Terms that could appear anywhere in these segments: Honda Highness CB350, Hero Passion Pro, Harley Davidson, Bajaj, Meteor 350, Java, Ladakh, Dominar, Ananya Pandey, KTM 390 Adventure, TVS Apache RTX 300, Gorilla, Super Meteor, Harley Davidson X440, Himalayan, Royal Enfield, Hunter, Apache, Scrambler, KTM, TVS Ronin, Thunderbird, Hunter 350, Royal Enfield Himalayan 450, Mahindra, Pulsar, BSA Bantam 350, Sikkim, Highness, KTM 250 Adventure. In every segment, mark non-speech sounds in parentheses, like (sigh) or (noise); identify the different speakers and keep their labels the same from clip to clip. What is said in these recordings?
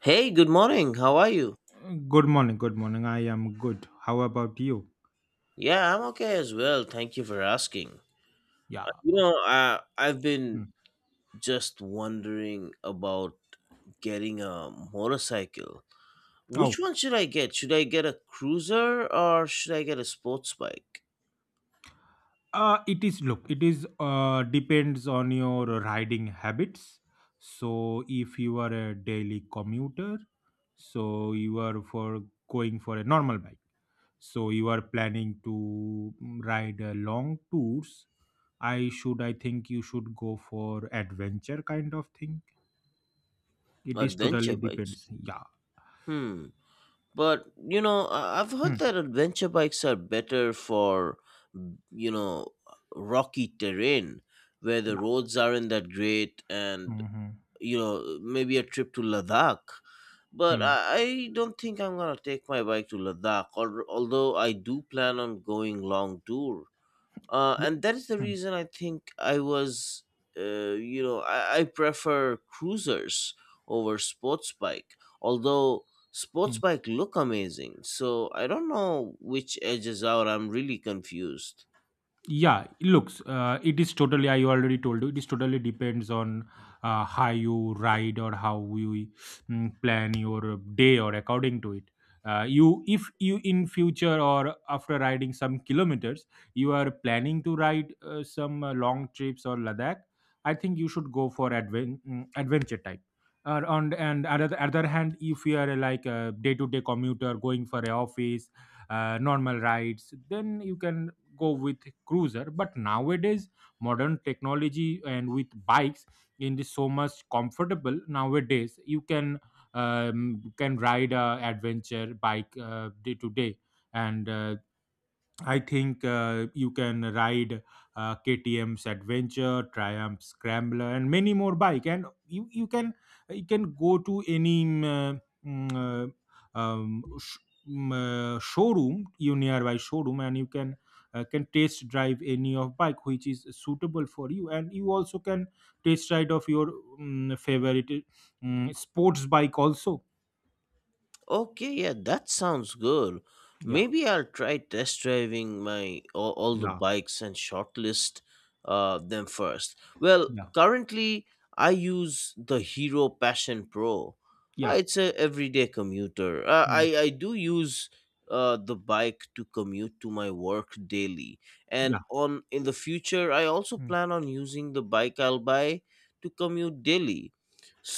Speaker 1: Hey, good morning. How are you?
Speaker 2: Good morning, good morning. I am good. How about you?
Speaker 1: Yeah, I'm okay as well. Thank you for asking.
Speaker 2: Yeah.
Speaker 1: You
Speaker 2: o-
Speaker 1: know, I I've been
Speaker 2: Hmm.
Speaker 1: just wondering about getting a motorcycle.
Speaker 2: Oh,
Speaker 1: Which one should I get? Should I get a cruiser or should I get a sports bike?
Speaker 2: it is look, it is depends on your riding habits. So, if you are a daily commuter, so you are for going for a normal bike. So, you are planning to ride long tours. I think you should go for adventure kind of thing. It is totally
Speaker 1: Adventure bikes.
Speaker 2: depends. Yeah.
Speaker 1: Hmm. But I've heard
Speaker 2: Hmm.
Speaker 1: that adventure bikes are better for you know rocky terrain where the
Speaker 2: Yeah.
Speaker 1: roads aren't that great and
Speaker 2: Hmm.
Speaker 1: maybe a trip to Ladakh, but i,
Speaker 2: Hmm.
Speaker 1: I don't think I'm gonna take my bike to Ladakh, or although I do plan on going long tour.
Speaker 2: Yeah.
Speaker 1: And that is the reason I think I was you know I prefer cruisers over sports bike, although sports
Speaker 2: Hmm.
Speaker 1: bike look amazing. So I don't know which edges out. I'm really confused.
Speaker 2: Yeah, looks, I already told you, it is totally depends on how you ride or how you plan your day or according to it. You if you in future or after riding some kilometers you are planning to ride some long trips or Ladakh. I think you should go for adventure type on, and other hand, if you are like a day to day commuter going for a office, normal rides, then you can go with cruiser. But nowadays, modern technology and with bikes, it is so much comfortable nowadays. You can ride a adventure bike day to day. And I think you can ride KTM's Adventure, Triumph Scrambler, and many more bike. And you, you can go to any mm, uh, um, sh- showroom, you nearby showroom, and you can test drive any of bike which is suitable for you. And you also can test ride of your favorite sports bike also.
Speaker 1: Okay, yeah, that sounds good.
Speaker 2: Yeah,
Speaker 1: Maybe I'll try test driving my all the
Speaker 2: yeah,
Speaker 1: bikes and shortlist them first. Well,
Speaker 2: yeah,
Speaker 1: currently I use the Hero Passion Pro. Uh,
Speaker 2: yeah,
Speaker 1: It's a everyday commuter. Uh, I
Speaker 2: mm,
Speaker 1: I do use the bike to commute to my work daily,
Speaker 2: yeah.
Speaker 1: and on in the future I also
Speaker 2: Mm,
Speaker 1: plan on using the bike I'll buy to commute daily.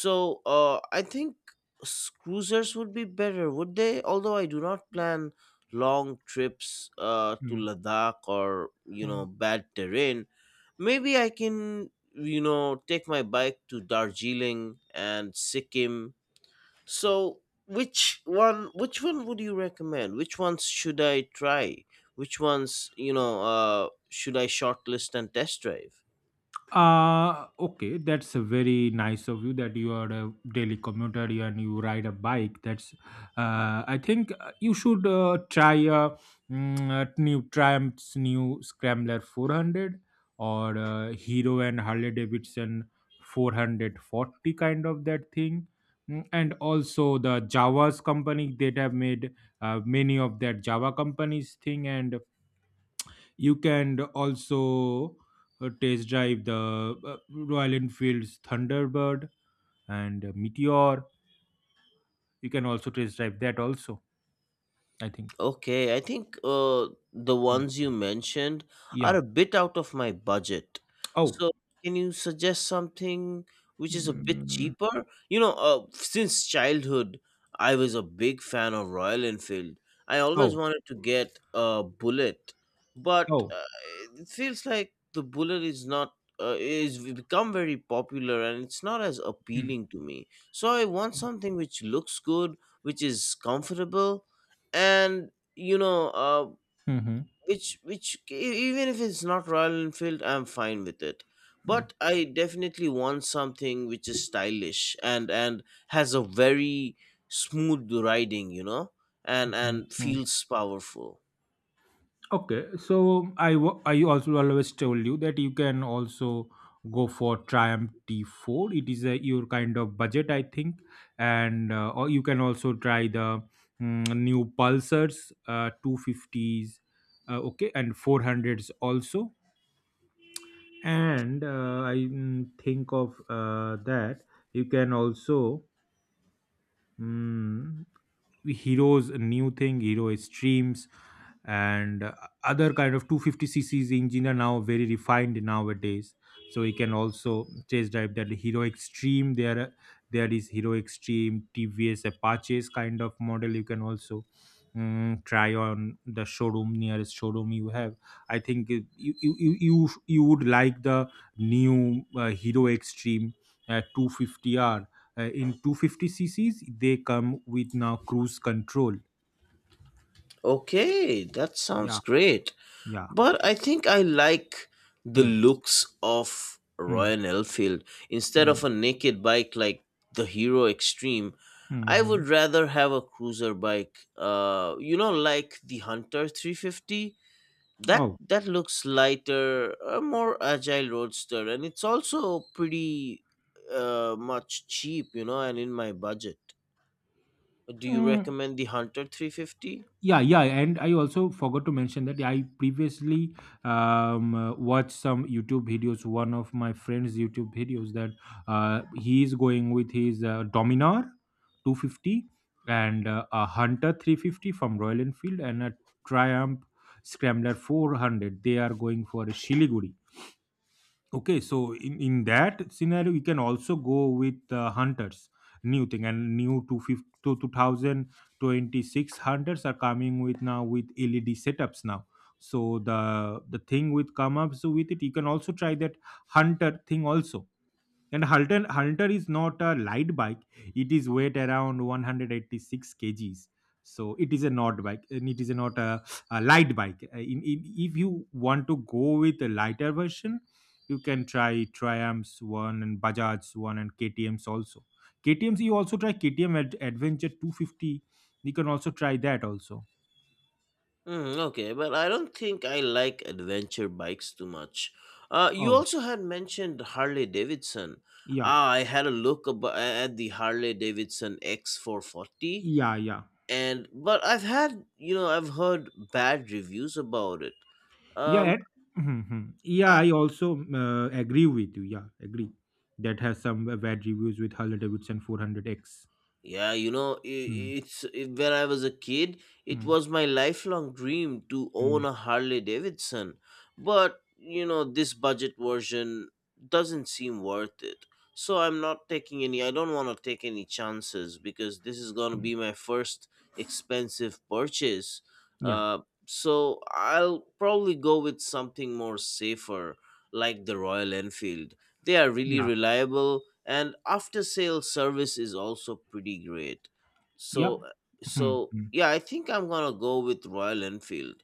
Speaker 1: So I think cruisers would be better, would they? Although I do not plan long trips to Ladakh or
Speaker 2: mm.
Speaker 1: bad terrain. Maybe I can take my bike to Darjeeling and Sikkim. So which one? Which one would you recommend? Which ones should I try? Which ones should I shortlist and test drive?
Speaker 2: Okay, that's a very nice of you that you are a daily commuter and you ride a bike. I think you should try a new Triumph's new Scrambler 400, or Hero and Harley Davidson 440 kind of that thing. And also the Java's company that have made many of that Java companies thing. And you can also test drive the Royal Enfield's Thunderbird and Meteor. You can also test drive that also, I think.
Speaker 1: Okay, I think the
Speaker 2: Mm.
Speaker 1: ones you mentioned are
Speaker 2: Yeah.
Speaker 1: a bit out of my budget.
Speaker 2: Oh.
Speaker 1: So, can you suggest something which is a bit
Speaker 2: Mm.
Speaker 1: cheaper? Since childhood, I was a big fan of Royal Enfield. I always
Speaker 2: Oh.
Speaker 1: wanted to get a Bullet, but
Speaker 2: Oh.
Speaker 1: it feels like the Bullet is not is become very popular and it's not as
Speaker 2: Mm.
Speaker 1: appealing to me. So, I want something which looks good, which is comfortable, and you know uh,
Speaker 2: Mm-hmm.
Speaker 1: which which e- even if it's not Royal Enfield, I'm fine with it,
Speaker 2: Hmm.
Speaker 1: but I definitely want something which is stylish and has a very smooth riding, and
Speaker 2: Hmm. Hmm.
Speaker 1: feels powerful.
Speaker 2: Okay, so I also always told you that you can also go for Triumph T4. It is a, your kind of budget, I think, and or you can also try the new Pulsars, 250s, okay, and 400s also. And I think of that you can also. mm, Hero's new thing, Hero Streams, and other kind of 250 cc's engine are now very refined nowadays, so we can also test drive that Hero Extreme. There is Hero Extreme, TVS Apaches kind of model. You can also try on the showroom, nearest showroom you have. I think you would like the new Hero Extreme 250R. In 250 cc's, they come with now cruise control.
Speaker 1: Okay, that sounds
Speaker 2: Yeah,
Speaker 1: great.
Speaker 2: yeah.
Speaker 1: But I think I like the
Speaker 2: Hmm,
Speaker 1: looks of
Speaker 2: hmm,
Speaker 1: Royal Enfield instead
Speaker 2: hmm,
Speaker 1: of a naked bike like the Hero Extreme.
Speaker 2: hmm,
Speaker 1: I
Speaker 2: hmm.
Speaker 1: would rather have a cruiser bike. Like the Hunter 350. That
Speaker 2: Oh.
Speaker 1: that looks lighter, a more agile roadster, and it's also pretty much cheap, and in my budget. Do you
Speaker 2: Mm,
Speaker 1: recommend the Hunter 350?
Speaker 2: yeah, yeah, and I also forgot to mention that I previously watched some YouTube videos, one of my friends YouTube videos, that he is going with his Dominar 250, and a Hunter 350 from Royal Enfield, and a Triumph Scrambler 400. They are going for a Shiliguri. Okay, so in that scenario, we can also go with Hunters, new thing. And new 250 to 2026 Hunters are coming with now with LED setups now. So the thing with come up, so with it, you can also try that Hunter thing also. And Hunter is not a light bike. It is weight around 186 kgs. So it is a not bike, and it is not a light bike. If you want to go with a lighter version, you can try Triumphs one, and Bajaj's one, and KTM's also. KTM's, you also try KTM Adventure 250. You can also try that also.
Speaker 1: Okay, but I don't think I like adventure bikes too much. You
Speaker 2: Oh,
Speaker 1: also had mentioned Harley Davidson.
Speaker 2: yeah,
Speaker 1: I had a look at the Harley Davidson X440,
Speaker 2: yeah, yeah.
Speaker 1: and but I've had you know I've heard bad reviews about it.
Speaker 2: Yeah,
Speaker 1: Um,
Speaker 2: mhm, mhm. Yeah. I also agree with you. Yeah, agree. That has some bad reviews with Harley Davidson 400X.
Speaker 1: Yeah,
Speaker 2: Hmm,
Speaker 1: when I was a kid, it
Speaker 2: hmm,
Speaker 1: was my lifelong dream to
Speaker 2: hmm,
Speaker 1: own a Harley Davidson. But this budget version doesn't seem worth it. So I'm not taking any, I don't want to take any chances because this is going to
Speaker 2: hmm.
Speaker 1: be my first expensive purchase.
Speaker 2: Yeah,
Speaker 1: Uh, so I'll probably go with something more safer like the Royal Enfield. They are really
Speaker 2: yeah,
Speaker 1: reliable and after sale service is also pretty great.
Speaker 2: yep.
Speaker 1: So
Speaker 2: Hmm,
Speaker 1: so
Speaker 2: hmm.
Speaker 1: yeah, I think I'm going to go with Royal Enfield.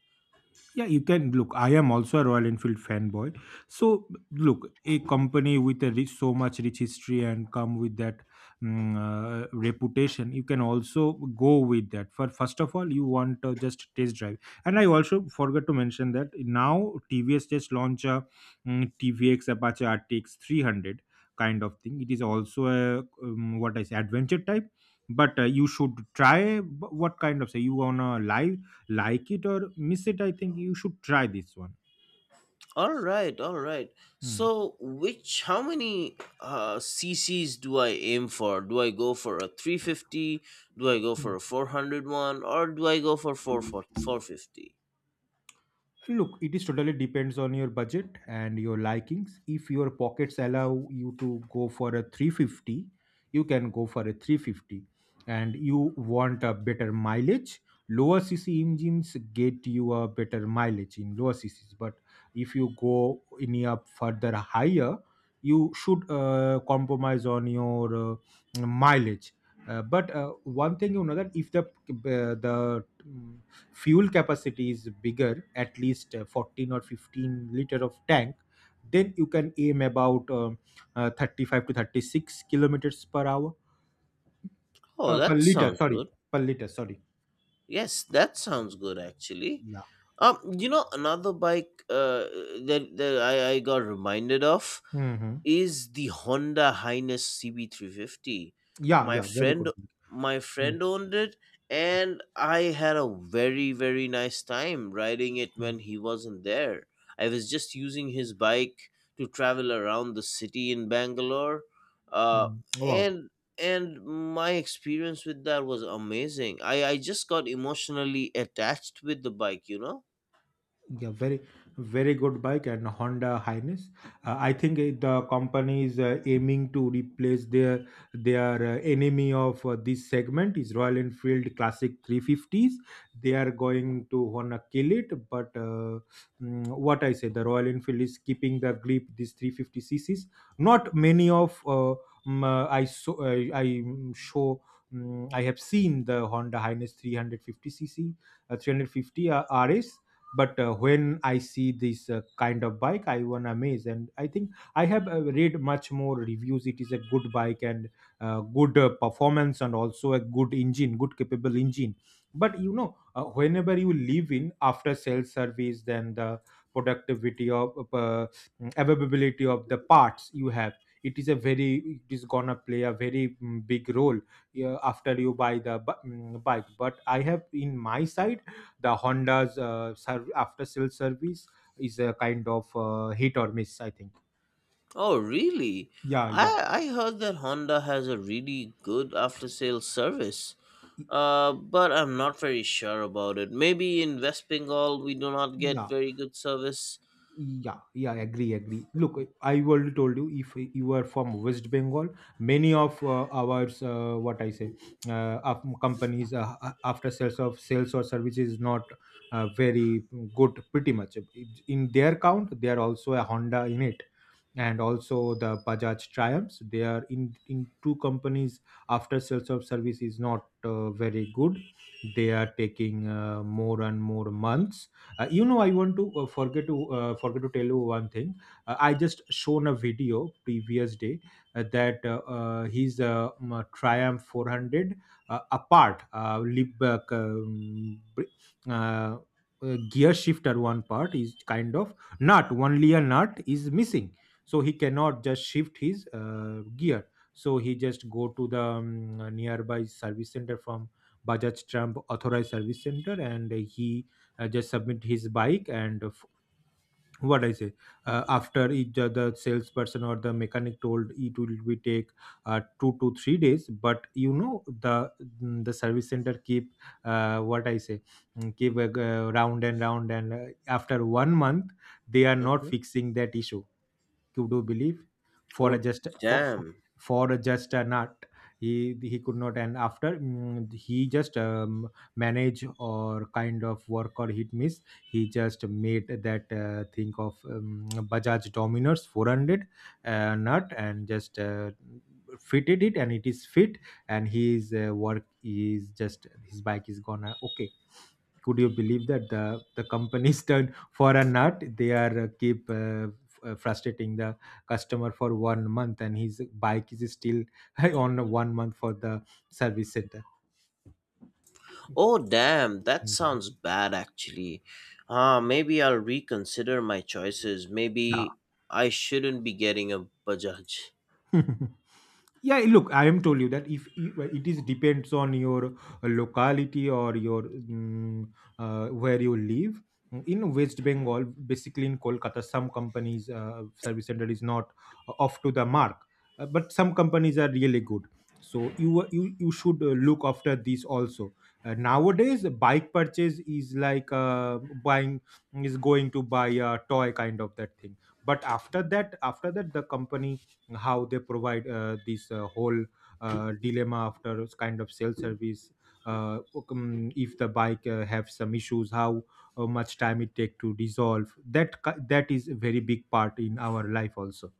Speaker 2: Yeah, you can look. I am also a Royal Enfield fanboy. So look, a company with a rich, so much rich history and come with that reputation, you can also go with that. For first of all, you want just test drive. And I also forgot to mention that now TVS just launched a TVX Apache RTX 300 kind of thing. It is also a what I say adventure type. But you should try what kind of say. You wanna live like it or miss it? I think you should try this one.
Speaker 1: All right, all right.
Speaker 2: Hmm.
Speaker 1: So which how many cc's do I aim for? Do I go for a 350? Do I go
Speaker 2: Hmm.
Speaker 1: for a 401, or do I go for four four four fifty?
Speaker 2: Look, it is totally depends on your budget and your likings. If your pockets allow you to go for a 350, you can go for a 350. And you want a better mileage, lower cc engines get you a better mileage in lower cc's. But if you go any up further higher, you should compromise on your mileage. But one thing you know, that if the fuel capacity is bigger, at least 14 or 15 liter of tank, then you can aim about 35 to 36 kilometers per hour,
Speaker 1: Oh,
Speaker 2: per
Speaker 1: that
Speaker 2: liter
Speaker 1: sounds
Speaker 2: sorry,
Speaker 1: good.
Speaker 2: per liter sorry.
Speaker 1: Yes, that sounds good actually.
Speaker 2: Yeah.
Speaker 1: Another bike that I got reminded of
Speaker 2: Hmm.
Speaker 1: is the Honda Highness CB350.
Speaker 2: Yeah,
Speaker 1: My
Speaker 2: yeah, very
Speaker 1: friend,
Speaker 2: good.
Speaker 1: my
Speaker 2: Mm,
Speaker 1: friend owned it, and I had a very very nice time riding it when
Speaker 2: mm,
Speaker 1: he wasn't there. I was just using his bike to travel around the city in Bangalore, uh,
Speaker 2: mm. Wow.
Speaker 1: and and my experience with that was amazing. I just got emotionally attached with the bike.
Speaker 2: Yeah, very, very good bike, and Honda Highness. I think the company is aiming to replace their enemy of this segment is Royal Enfield Classic 350s. They are going to wanna kill it, but what I say, the Royal Enfield is keeping the grip. These 350 cc's, not many of I show. I have seen the Honda Highness 350 cc, 350 RS. But when I see this kind of bike, I won amazed. And I think I have read much more reviews. It is a good bike, and good performance, and also a good engine, good capable engine. But you know, whenever you live in after sales service, then the productivity of availability of the parts you have, it is gonna play a very big role. Yeah, after you buy the bike, but I have in my side the Honda's after sales service is a kind of hit or miss, I think.
Speaker 1: Oh really?
Speaker 2: Yeah,
Speaker 1: i
Speaker 2: yeah.
Speaker 1: i heard that Honda has a really good after sale service,
Speaker 2: Y-
Speaker 1: but I'm not very sure about it. Maybe in West Bengal we do not get
Speaker 2: yeah,
Speaker 1: very good service.
Speaker 2: yeah, yeah, agree, agree. Look, I already told you, if you are from West Bengal, many of our what I say, of companies after sales of sales or service is not very good pretty much. In their count, they are also a Honda in it, and also the Bajaj Triumphs. They are in two companies. After sales of service is not very good. They are taking more and more months. You know, I want to forget to tell you one thing. I just shown a video previous day, that his Triumph 400, apart lip uh, gear shifter, one part is kind of nut, only a nut is missing. So he cannot just shift his gear. So he just go to the nearby service center, from Bajaj Trump authorized service center, and he just submit his bike. And what I say, after each, the salesperson or the mechanic told it will be take 2 to 3 days. But you know, the service center keep, what I say, keep round and round. And after one month, they are not
Speaker 1: Mhm.
Speaker 2: fixing that issue. To do believe, for a
Speaker 1: Oh
Speaker 2: just
Speaker 1: damn,
Speaker 2: for a just a nut, he could not. And after he just manage or kind of work or hit miss, he just made that thing of Bajaj Dominers 400 nut, and just fitted it, and it is fit, and he is work is just, his bike is gonna okay. Could you believe that the companies (laughs) turn, for a nut they are keep frustrating the customer for one month, and his bike is still (laughs) on one month for the service center.
Speaker 1: oh damn, that
Speaker 2: Yeah,
Speaker 1: sounds bad actually. Ah, maybe I'll reconsider my choices. Maybe I shouldn't be getting a Bajaj.
Speaker 2: yeah. (laughs) Yeah, look, I am told you that if I- well, it is depends on your locality or your where you live in West Bengal, basically in Kolkata. Some companies service center is not off to the mark, but some companies are really good. So you should look after this also. Nowadays bike purchase is like buying, is going to buy a toy, kind of that thing. But after that the company, how they provide this whole dilemma after, kind of self service. If the bike have some issues, how much time it take to resolve that is a very big part in our life also.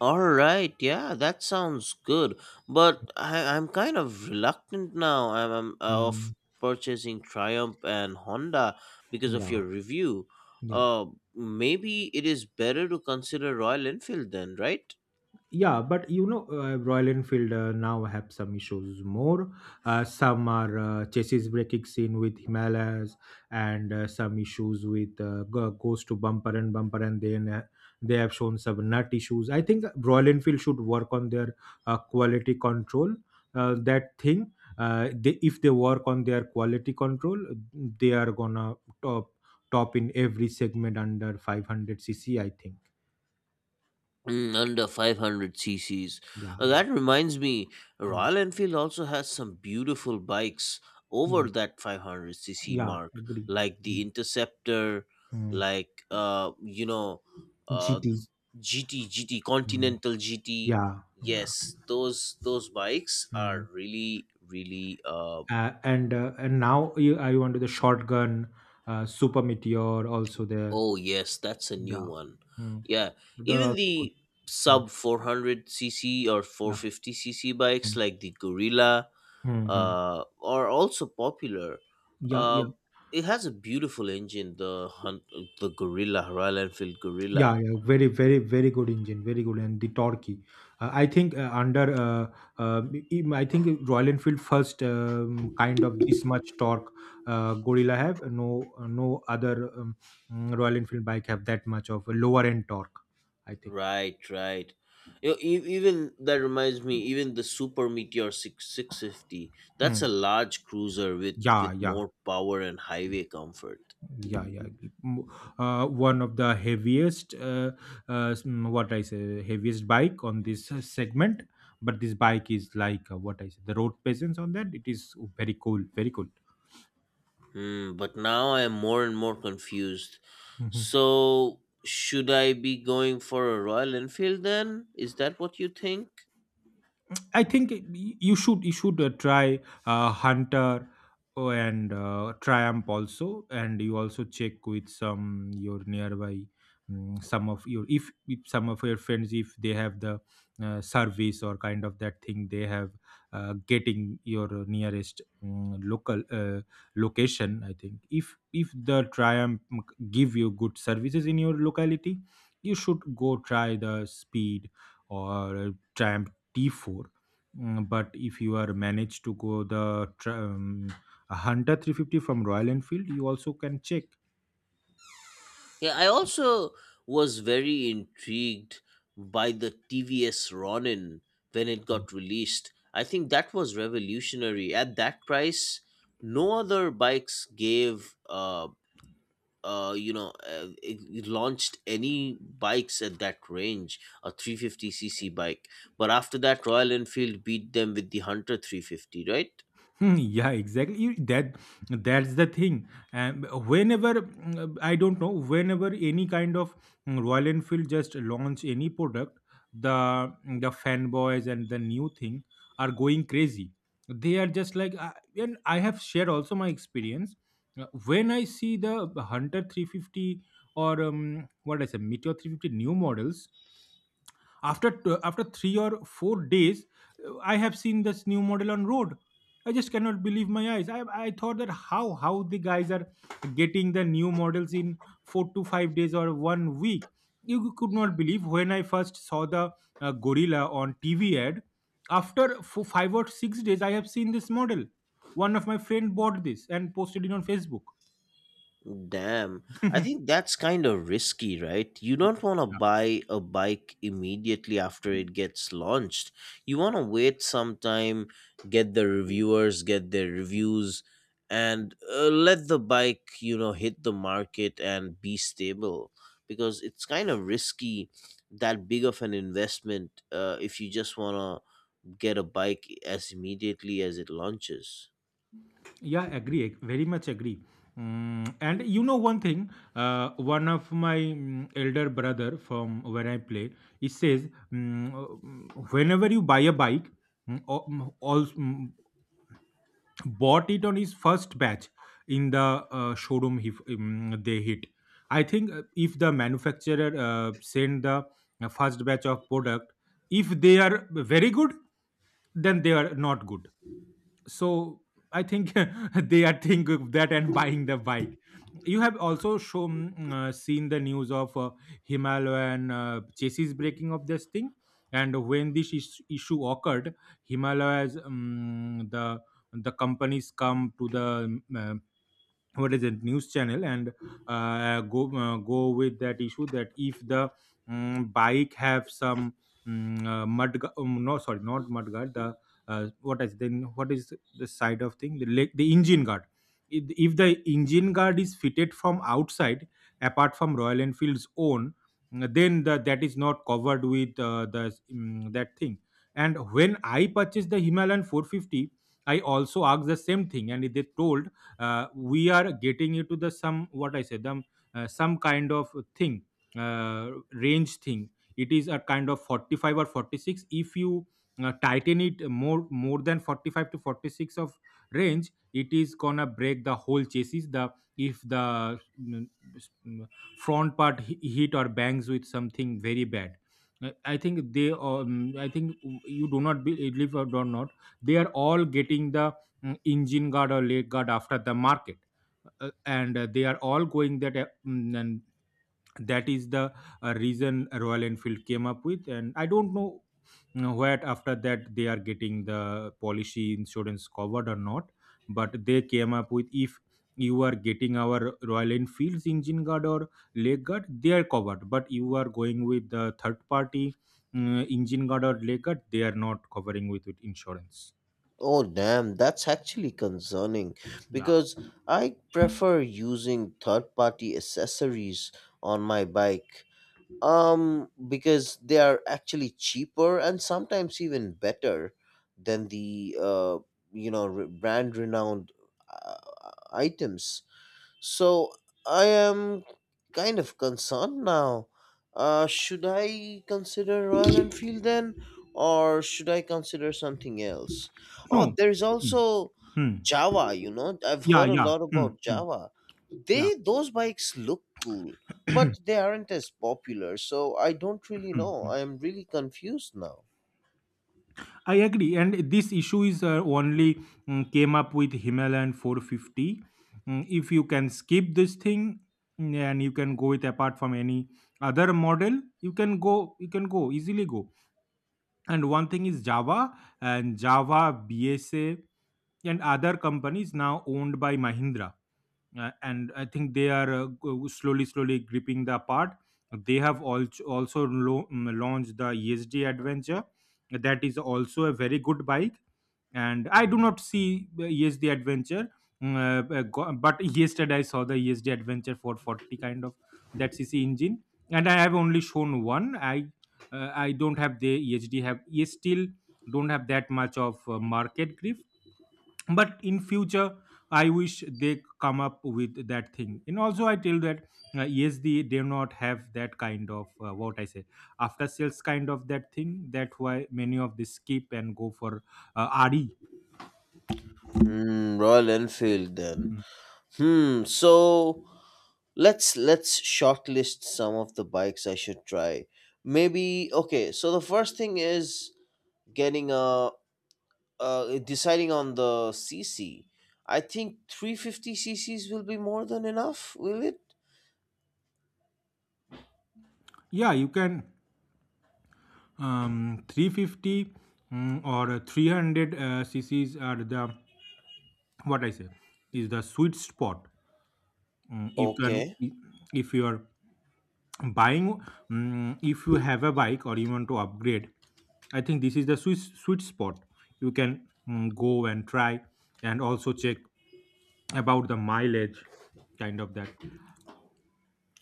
Speaker 1: All right, yeah, that sounds good. But I'm kind of reluctant now. I'm of
Speaker 2: Mm,
Speaker 1: purchasing Triumph and Honda because of
Speaker 2: yeah,
Speaker 1: your review.
Speaker 2: yeah.
Speaker 1: Uh, Maybe it is better to consider Royal Enfield then, right?
Speaker 2: Yeah, but Royal Enfield now have some issues more. Some are chassis braking scene with Himalayas, and some issues with goes to bumper and bumper, and then they have shown some nut issues. I think Royal Enfield should work on their quality control. That thing, if they work on their quality control, they are gonna top top in every segment under 500 cc, I think.
Speaker 1: Under 500 cc's.
Speaker 2: Yeah, yeah.
Speaker 1: That reminds me, Royal Enfield also has some beautiful bikes
Speaker 2: Hmm.
Speaker 1: over that 500 cc
Speaker 2: Yeah,
Speaker 1: mark,
Speaker 2: agree.
Speaker 1: like the Interceptor,
Speaker 2: Mm.
Speaker 1: like uh,
Speaker 2: GT.
Speaker 1: th- GT, GT,
Speaker 2: Mm.
Speaker 1: Continental GT.
Speaker 2: Yeah, yeah.
Speaker 1: Yes, those bikes are
Speaker 2: Mm.
Speaker 1: really, really.
Speaker 2: And now I want to the shotgun, Super Meteor also there.
Speaker 1: Oh yes, that's a new
Speaker 2: Yeah,
Speaker 1: one.
Speaker 2: mm.
Speaker 1: Yeah,
Speaker 2: They're
Speaker 1: even
Speaker 2: also good.
Speaker 1: the
Speaker 2: Mm.
Speaker 1: sub 400 cc or
Speaker 2: Yeah.
Speaker 1: 450 cc bikes like the Gorilla
Speaker 2: Mm-hmm.
Speaker 1: are also popular.
Speaker 2: Yeah,
Speaker 1: Uh,
Speaker 2: yeah.
Speaker 1: it has a beautiful engine, the Gorilla Royal Enfield Gorilla.
Speaker 2: Yeah, yeah, very, very, very good engine, very good, and the Torquay. I think under, uh, uh, I think Royal Enfield first, kind of this much torque Gorilla have. No, no other Royal Enfield bike have that much of a lower end torque, I think.
Speaker 1: Right, right. Even that reminds me, even the Super Meteor six six fifty.
Speaker 2: Hmm.
Speaker 1: That's a large cruiser with
Speaker 2: Yeah, yeah.
Speaker 1: more power and highway comfort.
Speaker 2: Yeah, yeah. M- One of the heaviest what I say, heaviest bike on this segment, but this bike is like, what I say, the road presence on that, it is very cool, very cool.
Speaker 1: But now I am more and more confused.
Speaker 2: Mm-hmm.
Speaker 1: So should I be going for a Royal Enfield then? Is that what you think?
Speaker 2: I think you should try Hunter, oh, and Triumph also, and you also check with some your nearby, some of your, if some of your friends, if they have the service or kind of that thing they have, getting your nearest, local location. I think if the Triumph, give you good services in your locality, you should go try the Speed or Triumph T4. But if you are managed to go a Hunter 350 from Royal Enfield, you also can check.
Speaker 1: Yeah, I also was very intrigued by the TVS Ronin when it got released. I think that was revolutionary. At that price, no other bikes gave, it launched any bikes at that range, a 350 C C bike. But after that, Royal Enfield beat them with the Hunter 350, right?
Speaker 2: (laughs) Hmm, yeah, exactly. That's the thing, and whenever, I don't know, whenever any kind of, Royal Enfield just launch any product, the the fanboys and the new thing are going crazy. They are just like, and I have shared also my experience. Uh, when I see the Hunter 350, or what I say, Meteor 350 new models, after 3 or 4 days, I have seen this new model on road. I just cannot believe my eyes. I thought that how the guys are getting the new models in 4 to 5 days or 1 week. You could not believe, when I first saw the Gorilla on TV ad, after 4, 5 or 6 days I have seen this model. One of my friend bought this and posted it on Facebook.
Speaker 1: Damn. I
Speaker 2: (laughs)
Speaker 1: think that's kind of risky, right? You don't want to
Speaker 2: Yeah.
Speaker 1: buy a bike immediately after it gets launched. You want to wait some time, get the reviewers, get their reviews, and let the bike, hit the market and be stable because it's kind of risky that big of an investment if you just want to get a bike as immediately as it launches.
Speaker 2: Yeah, agree, very much agree. Mm, and you know one thing, one of my, elder brother from when I play, he says, whenever you buy a bike, mm, al- mm, al- mm, bought it on his first batch in the showroom, they hit. I think if the manufacturer send the first batch of product, if they are very good, then they are not good. So I think, (laughs) they are think of that and buying the bike. You have also shown, seen the news of Himalayan chassis breaking of this thing, and when issue occurred, Himalaya's, the companies come to the, uh, what is it, news channel, and go with that issue, that if the, bike have some, no sorry, not mud guard, the, what is then, what is the side of thing, the leg, the engine guard. If the engine guard is fitted from outside, apart from Royal Enfield's own, then that is not covered with the, that thing. And when I purchased the Himalayan 450, I also asked the same thing, and they told, we are getting into the some, what I said them, some kind of thing, range thing. It is a kind of 45 or 46, if you tighten it more than 45 to 46 of range, it is gonna break the whole chassis, the if the, s- mm, front part hit or bangs with something very bad. Uh, i think they um, I think you do not believe, or do not, they are all getting the, engine guard or leg guard after the market. And They are all going that, and that is the reason Royal Enfield came up with. And I don't know you where, after that, they are getting the policy insurance covered or not, but they came up with, if you are getting our Royal Enfields engine guard or leg guard, they are covered, but you are going with the third party, engine guard or leg guard, they are not covering with insurance.
Speaker 1: Oh, damn, that's actually concerning
Speaker 2: Yeah.
Speaker 1: because I prefer using third party accessories on my bike. Because they are actually cheaper and sometimes even better than the brand renowned uh, items. So I am kind of concerned now. Should I consider Royal Enfield then, or should I consider something else? Oh,
Speaker 2: No.
Speaker 1: there is
Speaker 2: Hmm.
Speaker 1: also
Speaker 2: Hmm.
Speaker 1: Java. I've
Speaker 2: Yeah,
Speaker 1: heard a
Speaker 2: yeah.
Speaker 1: lot
Speaker 2: Mm,
Speaker 1: about
Speaker 2: mm,
Speaker 1: Java.
Speaker 2: yeah.
Speaker 1: They those bikes look cool, but
Speaker 2: (clears throat)
Speaker 1: they aren't as popular. So I don't really
Speaker 2: Mm,
Speaker 1: know. I
Speaker 2: mm.
Speaker 1: am really confused now.
Speaker 2: I agree. And this issue is only, came up with Himalayan 450. Mm, if you can skip this thing, and you can go with, apart from any other model, you can go, easily go. And one thing is Java, and Java, BSA, and other companies now owned by Mahindra, and I think they are slowly, slowly gripping the part. They have also launched the ESD Adventure, that is also a very good bike. And I do not see the ESD Adventure, but yesterday I saw the ESD Adventure 440, kind of that CC engine, and I have only shown one. I don't have the ESD, have, yes, still don't have that much of market grip, but in future I wish they come up with that thing. And also I tell that, yes, they do not have that kind of, what I say, after sales kind of that thing, that why many of this skip and go for re.
Speaker 1: Royal Enfield then.
Speaker 2: Mm.
Speaker 1: So let's shortlist some of the bikes I should try. Maybe okay, so the first thing is getting a deciding on the cc. I think 350 cc's will be more than enough, will it?
Speaker 2: Yeah, you can, 350 or 300 cc's are the, what I say, is the sweet spot. Mm, you can,
Speaker 1: Okay,
Speaker 2: if you are buying, if you have a bike or you want to upgrade, I think this is the sweet, sweet spot. You can, go and try, and also check about the mileage, kind of that.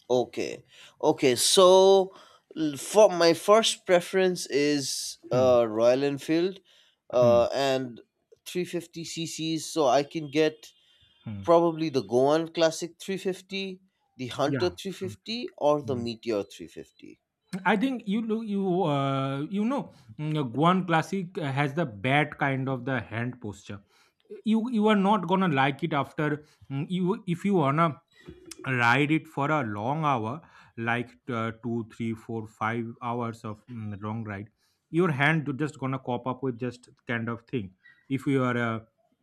Speaker 1: okay, okay. So for my first preference is
Speaker 2: Hmm,
Speaker 1: Royal Enfield,
Speaker 2: hmm,
Speaker 1: and 350 cc's so I can get
Speaker 2: hmm.
Speaker 1: probably the Goan Classic 350, the Hunter
Speaker 2: Yeah. Hmm,
Speaker 1: 350, or the
Speaker 2: hmm.
Speaker 1: Meteor 350.
Speaker 2: I think, you know, Guan Classic has the bad kind of the hand posture. You are not gonna like it after, mm, you if you wanna ride it for a long hour, like, 2 3 4 5 hours of, long ride. Your hand just gonna cop up with just kind of thing. If you are,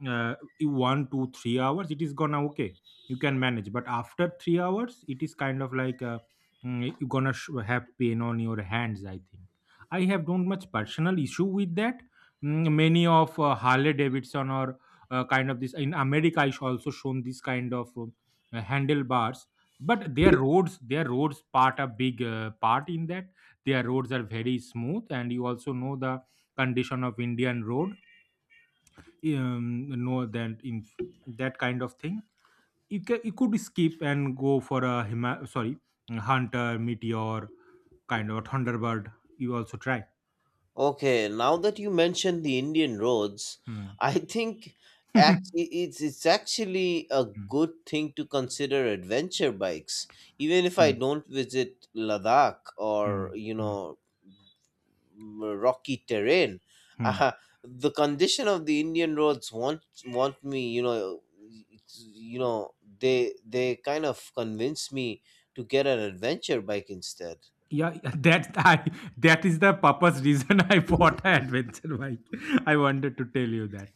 Speaker 2: you 1 2 3 hours, it is gonna okay, you can manage, but after 3 hours it is kind of like, you gonna have pain on your hands, I think. I have don't much personal issue with that. Mm, many of Harley Davidson or kind of this in America is also shown this kind of, handlebars, but their roads part a big part in that. Their roads are very smooth, and you also know the condition of Indian road. um, know that in that kind of thing you could skip and go for a sorry, Hunter, Meteor, kind of Thunderbird, you also try.
Speaker 1: Okay, now that you mentioned the Indian roads,
Speaker 2: Hmm.
Speaker 1: (laughs)
Speaker 2: (laughs)
Speaker 1: I think actually it's actually a
Speaker 2: Hmm.
Speaker 1: good thing to consider adventure bikes. Even if I
Speaker 2: Hmm.
Speaker 1: don't visit Ladakh
Speaker 2: Hmm.
Speaker 1: or
Speaker 2: Hmm.
Speaker 1: rocky terrain.
Speaker 2: Hmm.
Speaker 1: Uh, the condition of the Indian roads want me, it's- you know, they kind of convince me to get an adventure bike instead.
Speaker 2: Yeah, (laughs) that I that is the purpose reason, (laughs) I bought an adventure bike. I wanted to tell you that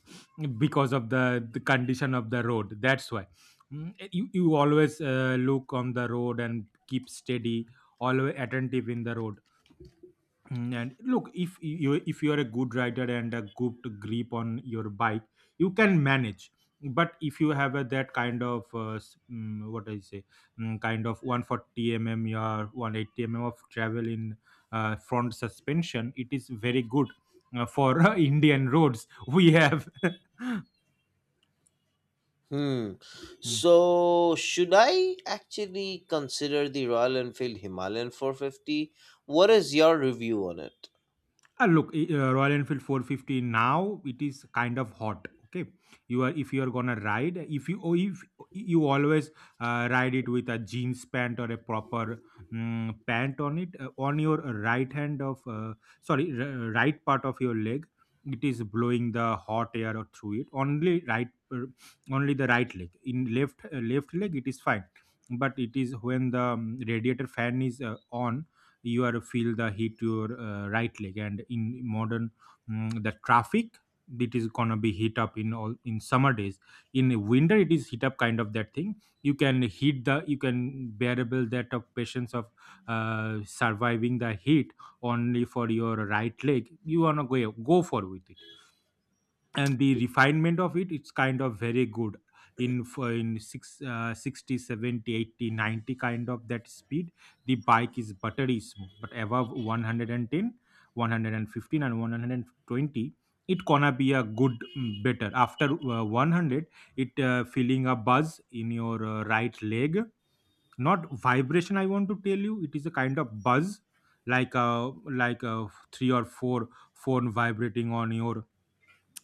Speaker 2: because of the condition of the road. That's why. Mm, eh, you always look on the road and keep steady, always attentive in the road. Mm. And look, if you are a good rider and a good grip on your bike, you can manage. But if you have that kind of, what I say, kind of 140 mm or 180 mm of travel in front suspension, it is very good for (laughs) Indian roads we have.
Speaker 1: Hmm.
Speaker 2: (laughs)
Speaker 1: So should I actually consider the Royal Enfield Himalayan 450? What is your review on it?
Speaker 2: Ah, look, Royal Enfield 450 now it is kind of hot. Okay, you are if you are gonna ride, if you always ride it with a jeans pant or a proper pant on it on your right hand of sorry right part of your leg, it is blowing the hot air through it. Uh, Only the right leg. In left leg, it is fine, but it is when the radiator fan is on, you are feel the hit your right leg, and in the traffic it is gonna be heat up in all, in summer days. In winter, it is heat up kind of that thing. You can heat the you can bearable that of patience of surviving the heat. Only for your right leg, you wanna go for with it, and the refinement of it, it's kind of very good in 60 70, 80, 90 kind of that speed. The bike is buttery smooth, but above 110, 115, and 120 it gonna be a better after 100. It feeling a buzz in your right leg, not vibration. I want to tell you, it is a kind of buzz like a three or four phone vibrating on your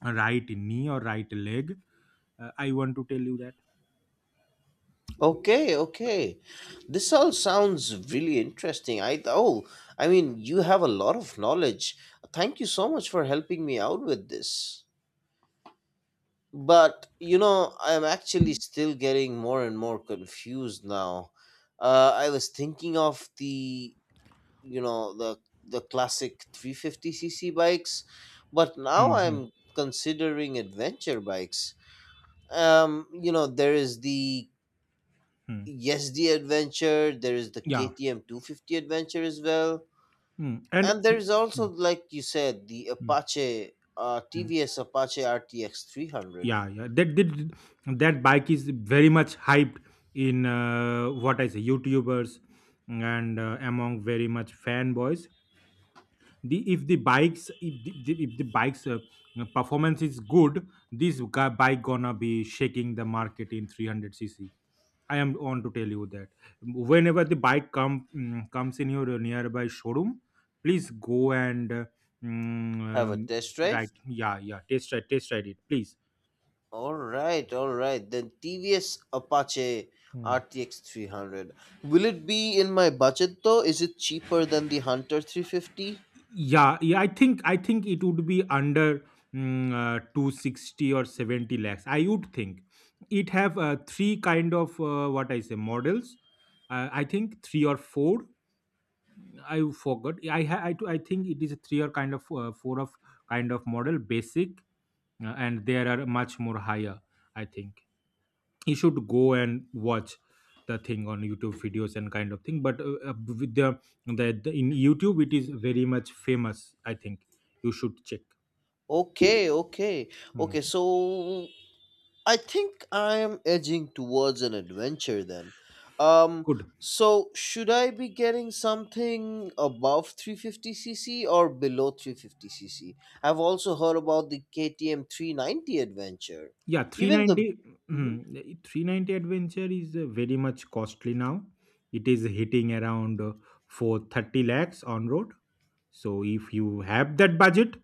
Speaker 2: right knee or right leg. I want to tell you that.
Speaker 1: Okay, okay. This all sounds really interesting. I mean, you have a lot of knowledge. Thank you so much for helping me out with this. But I'm actually still getting more and more confused now. I was thinking of you know, the the classic 350 cc bikes, but now
Speaker 2: Hmm, hmm,
Speaker 1: I'm considering adventure bikes. There is the,
Speaker 2: hmm.
Speaker 1: yes, the adventure. There is the
Speaker 2: Yeah.
Speaker 1: KTM 250 adventure as well,
Speaker 2: Hmm.
Speaker 1: and there is also
Speaker 2: Hmm,
Speaker 1: like you said the
Speaker 2: hmm,
Speaker 1: apache
Speaker 2: hmm.
Speaker 1: TVS Apache RTX 300.
Speaker 2: Yeah, yeah, that bike is very much hyped in what I say, YouTubers, and among very much fanboys. The if the bikes if the, the- If the bikes performance is good, this bike gonna be shaking the market in 300 cc. I am on to tell you that whenever the bike comes in your nearby showroom, please go and mm,
Speaker 1: Have a
Speaker 2: um,
Speaker 1: test
Speaker 2: right,
Speaker 1: drive.
Speaker 2: yeah, yeah, test ride it, please.
Speaker 1: All right, all right. Then TVS Apache
Speaker 2: Hmm.
Speaker 1: RTX 300, will it be in my budget though? Is it cheaper than the Hunter 350?
Speaker 2: Yeah, yeah, I think it would be under 260 or 70 lakhs. I would think it have three kind of what I say models. I think three or four. I forgot. I think it is a three or kind of four of kind of model basic. And there are much more higher. I think you should go and watch the thing on YouTube videos and kind of thing, but with the in YouTube, it is very much famous. I think you should check.
Speaker 1: Okay, okay,
Speaker 2: Hmm.
Speaker 1: okay. So I think I'm edging towards an adventure then. Um,
Speaker 2: Good.
Speaker 1: so should I be getting something above 350 cc or below 350 cc? I've also heard about the KTM 390 adventure.
Speaker 2: Yeah,
Speaker 1: Even the
Speaker 2: 390.
Speaker 1: Mhm.
Speaker 2: Hmm, 390 adventure is very much costly now. It is hitting around for 30 lakhs on road. So if you have that budget,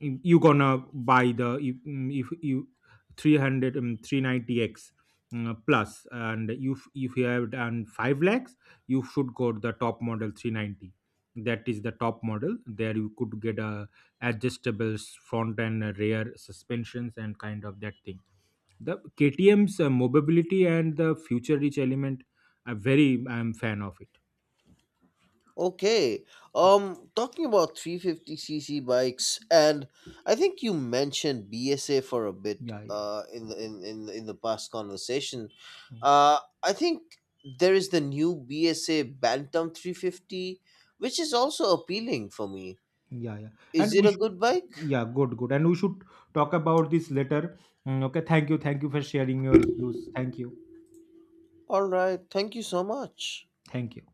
Speaker 2: you gonna buy the if, mm, if you 300 390x plus, and if you have done 5 lakhs, you should go to the top model 390. That is the top model. There you could get a adjustable front and rear suspensions and kind of that thing. The KTM's mobility and the future rich element are very I'm fan of it.
Speaker 1: Okay. Talking about 350 cc bikes, and I think you mentioned BSA for a bit in the past conversation. I think there is the new BSA Bantam 350 which is also appealing for me.
Speaker 2: Yeah, yeah, and
Speaker 1: Is it
Speaker 2: we
Speaker 1: a
Speaker 2: should,
Speaker 1: good bike?
Speaker 2: yeah, good, good, and we should talk about this later. Okay, thank you. Thank you for sharing your views. Thank you.
Speaker 1: All right. Thank you so much.
Speaker 2: Thank you.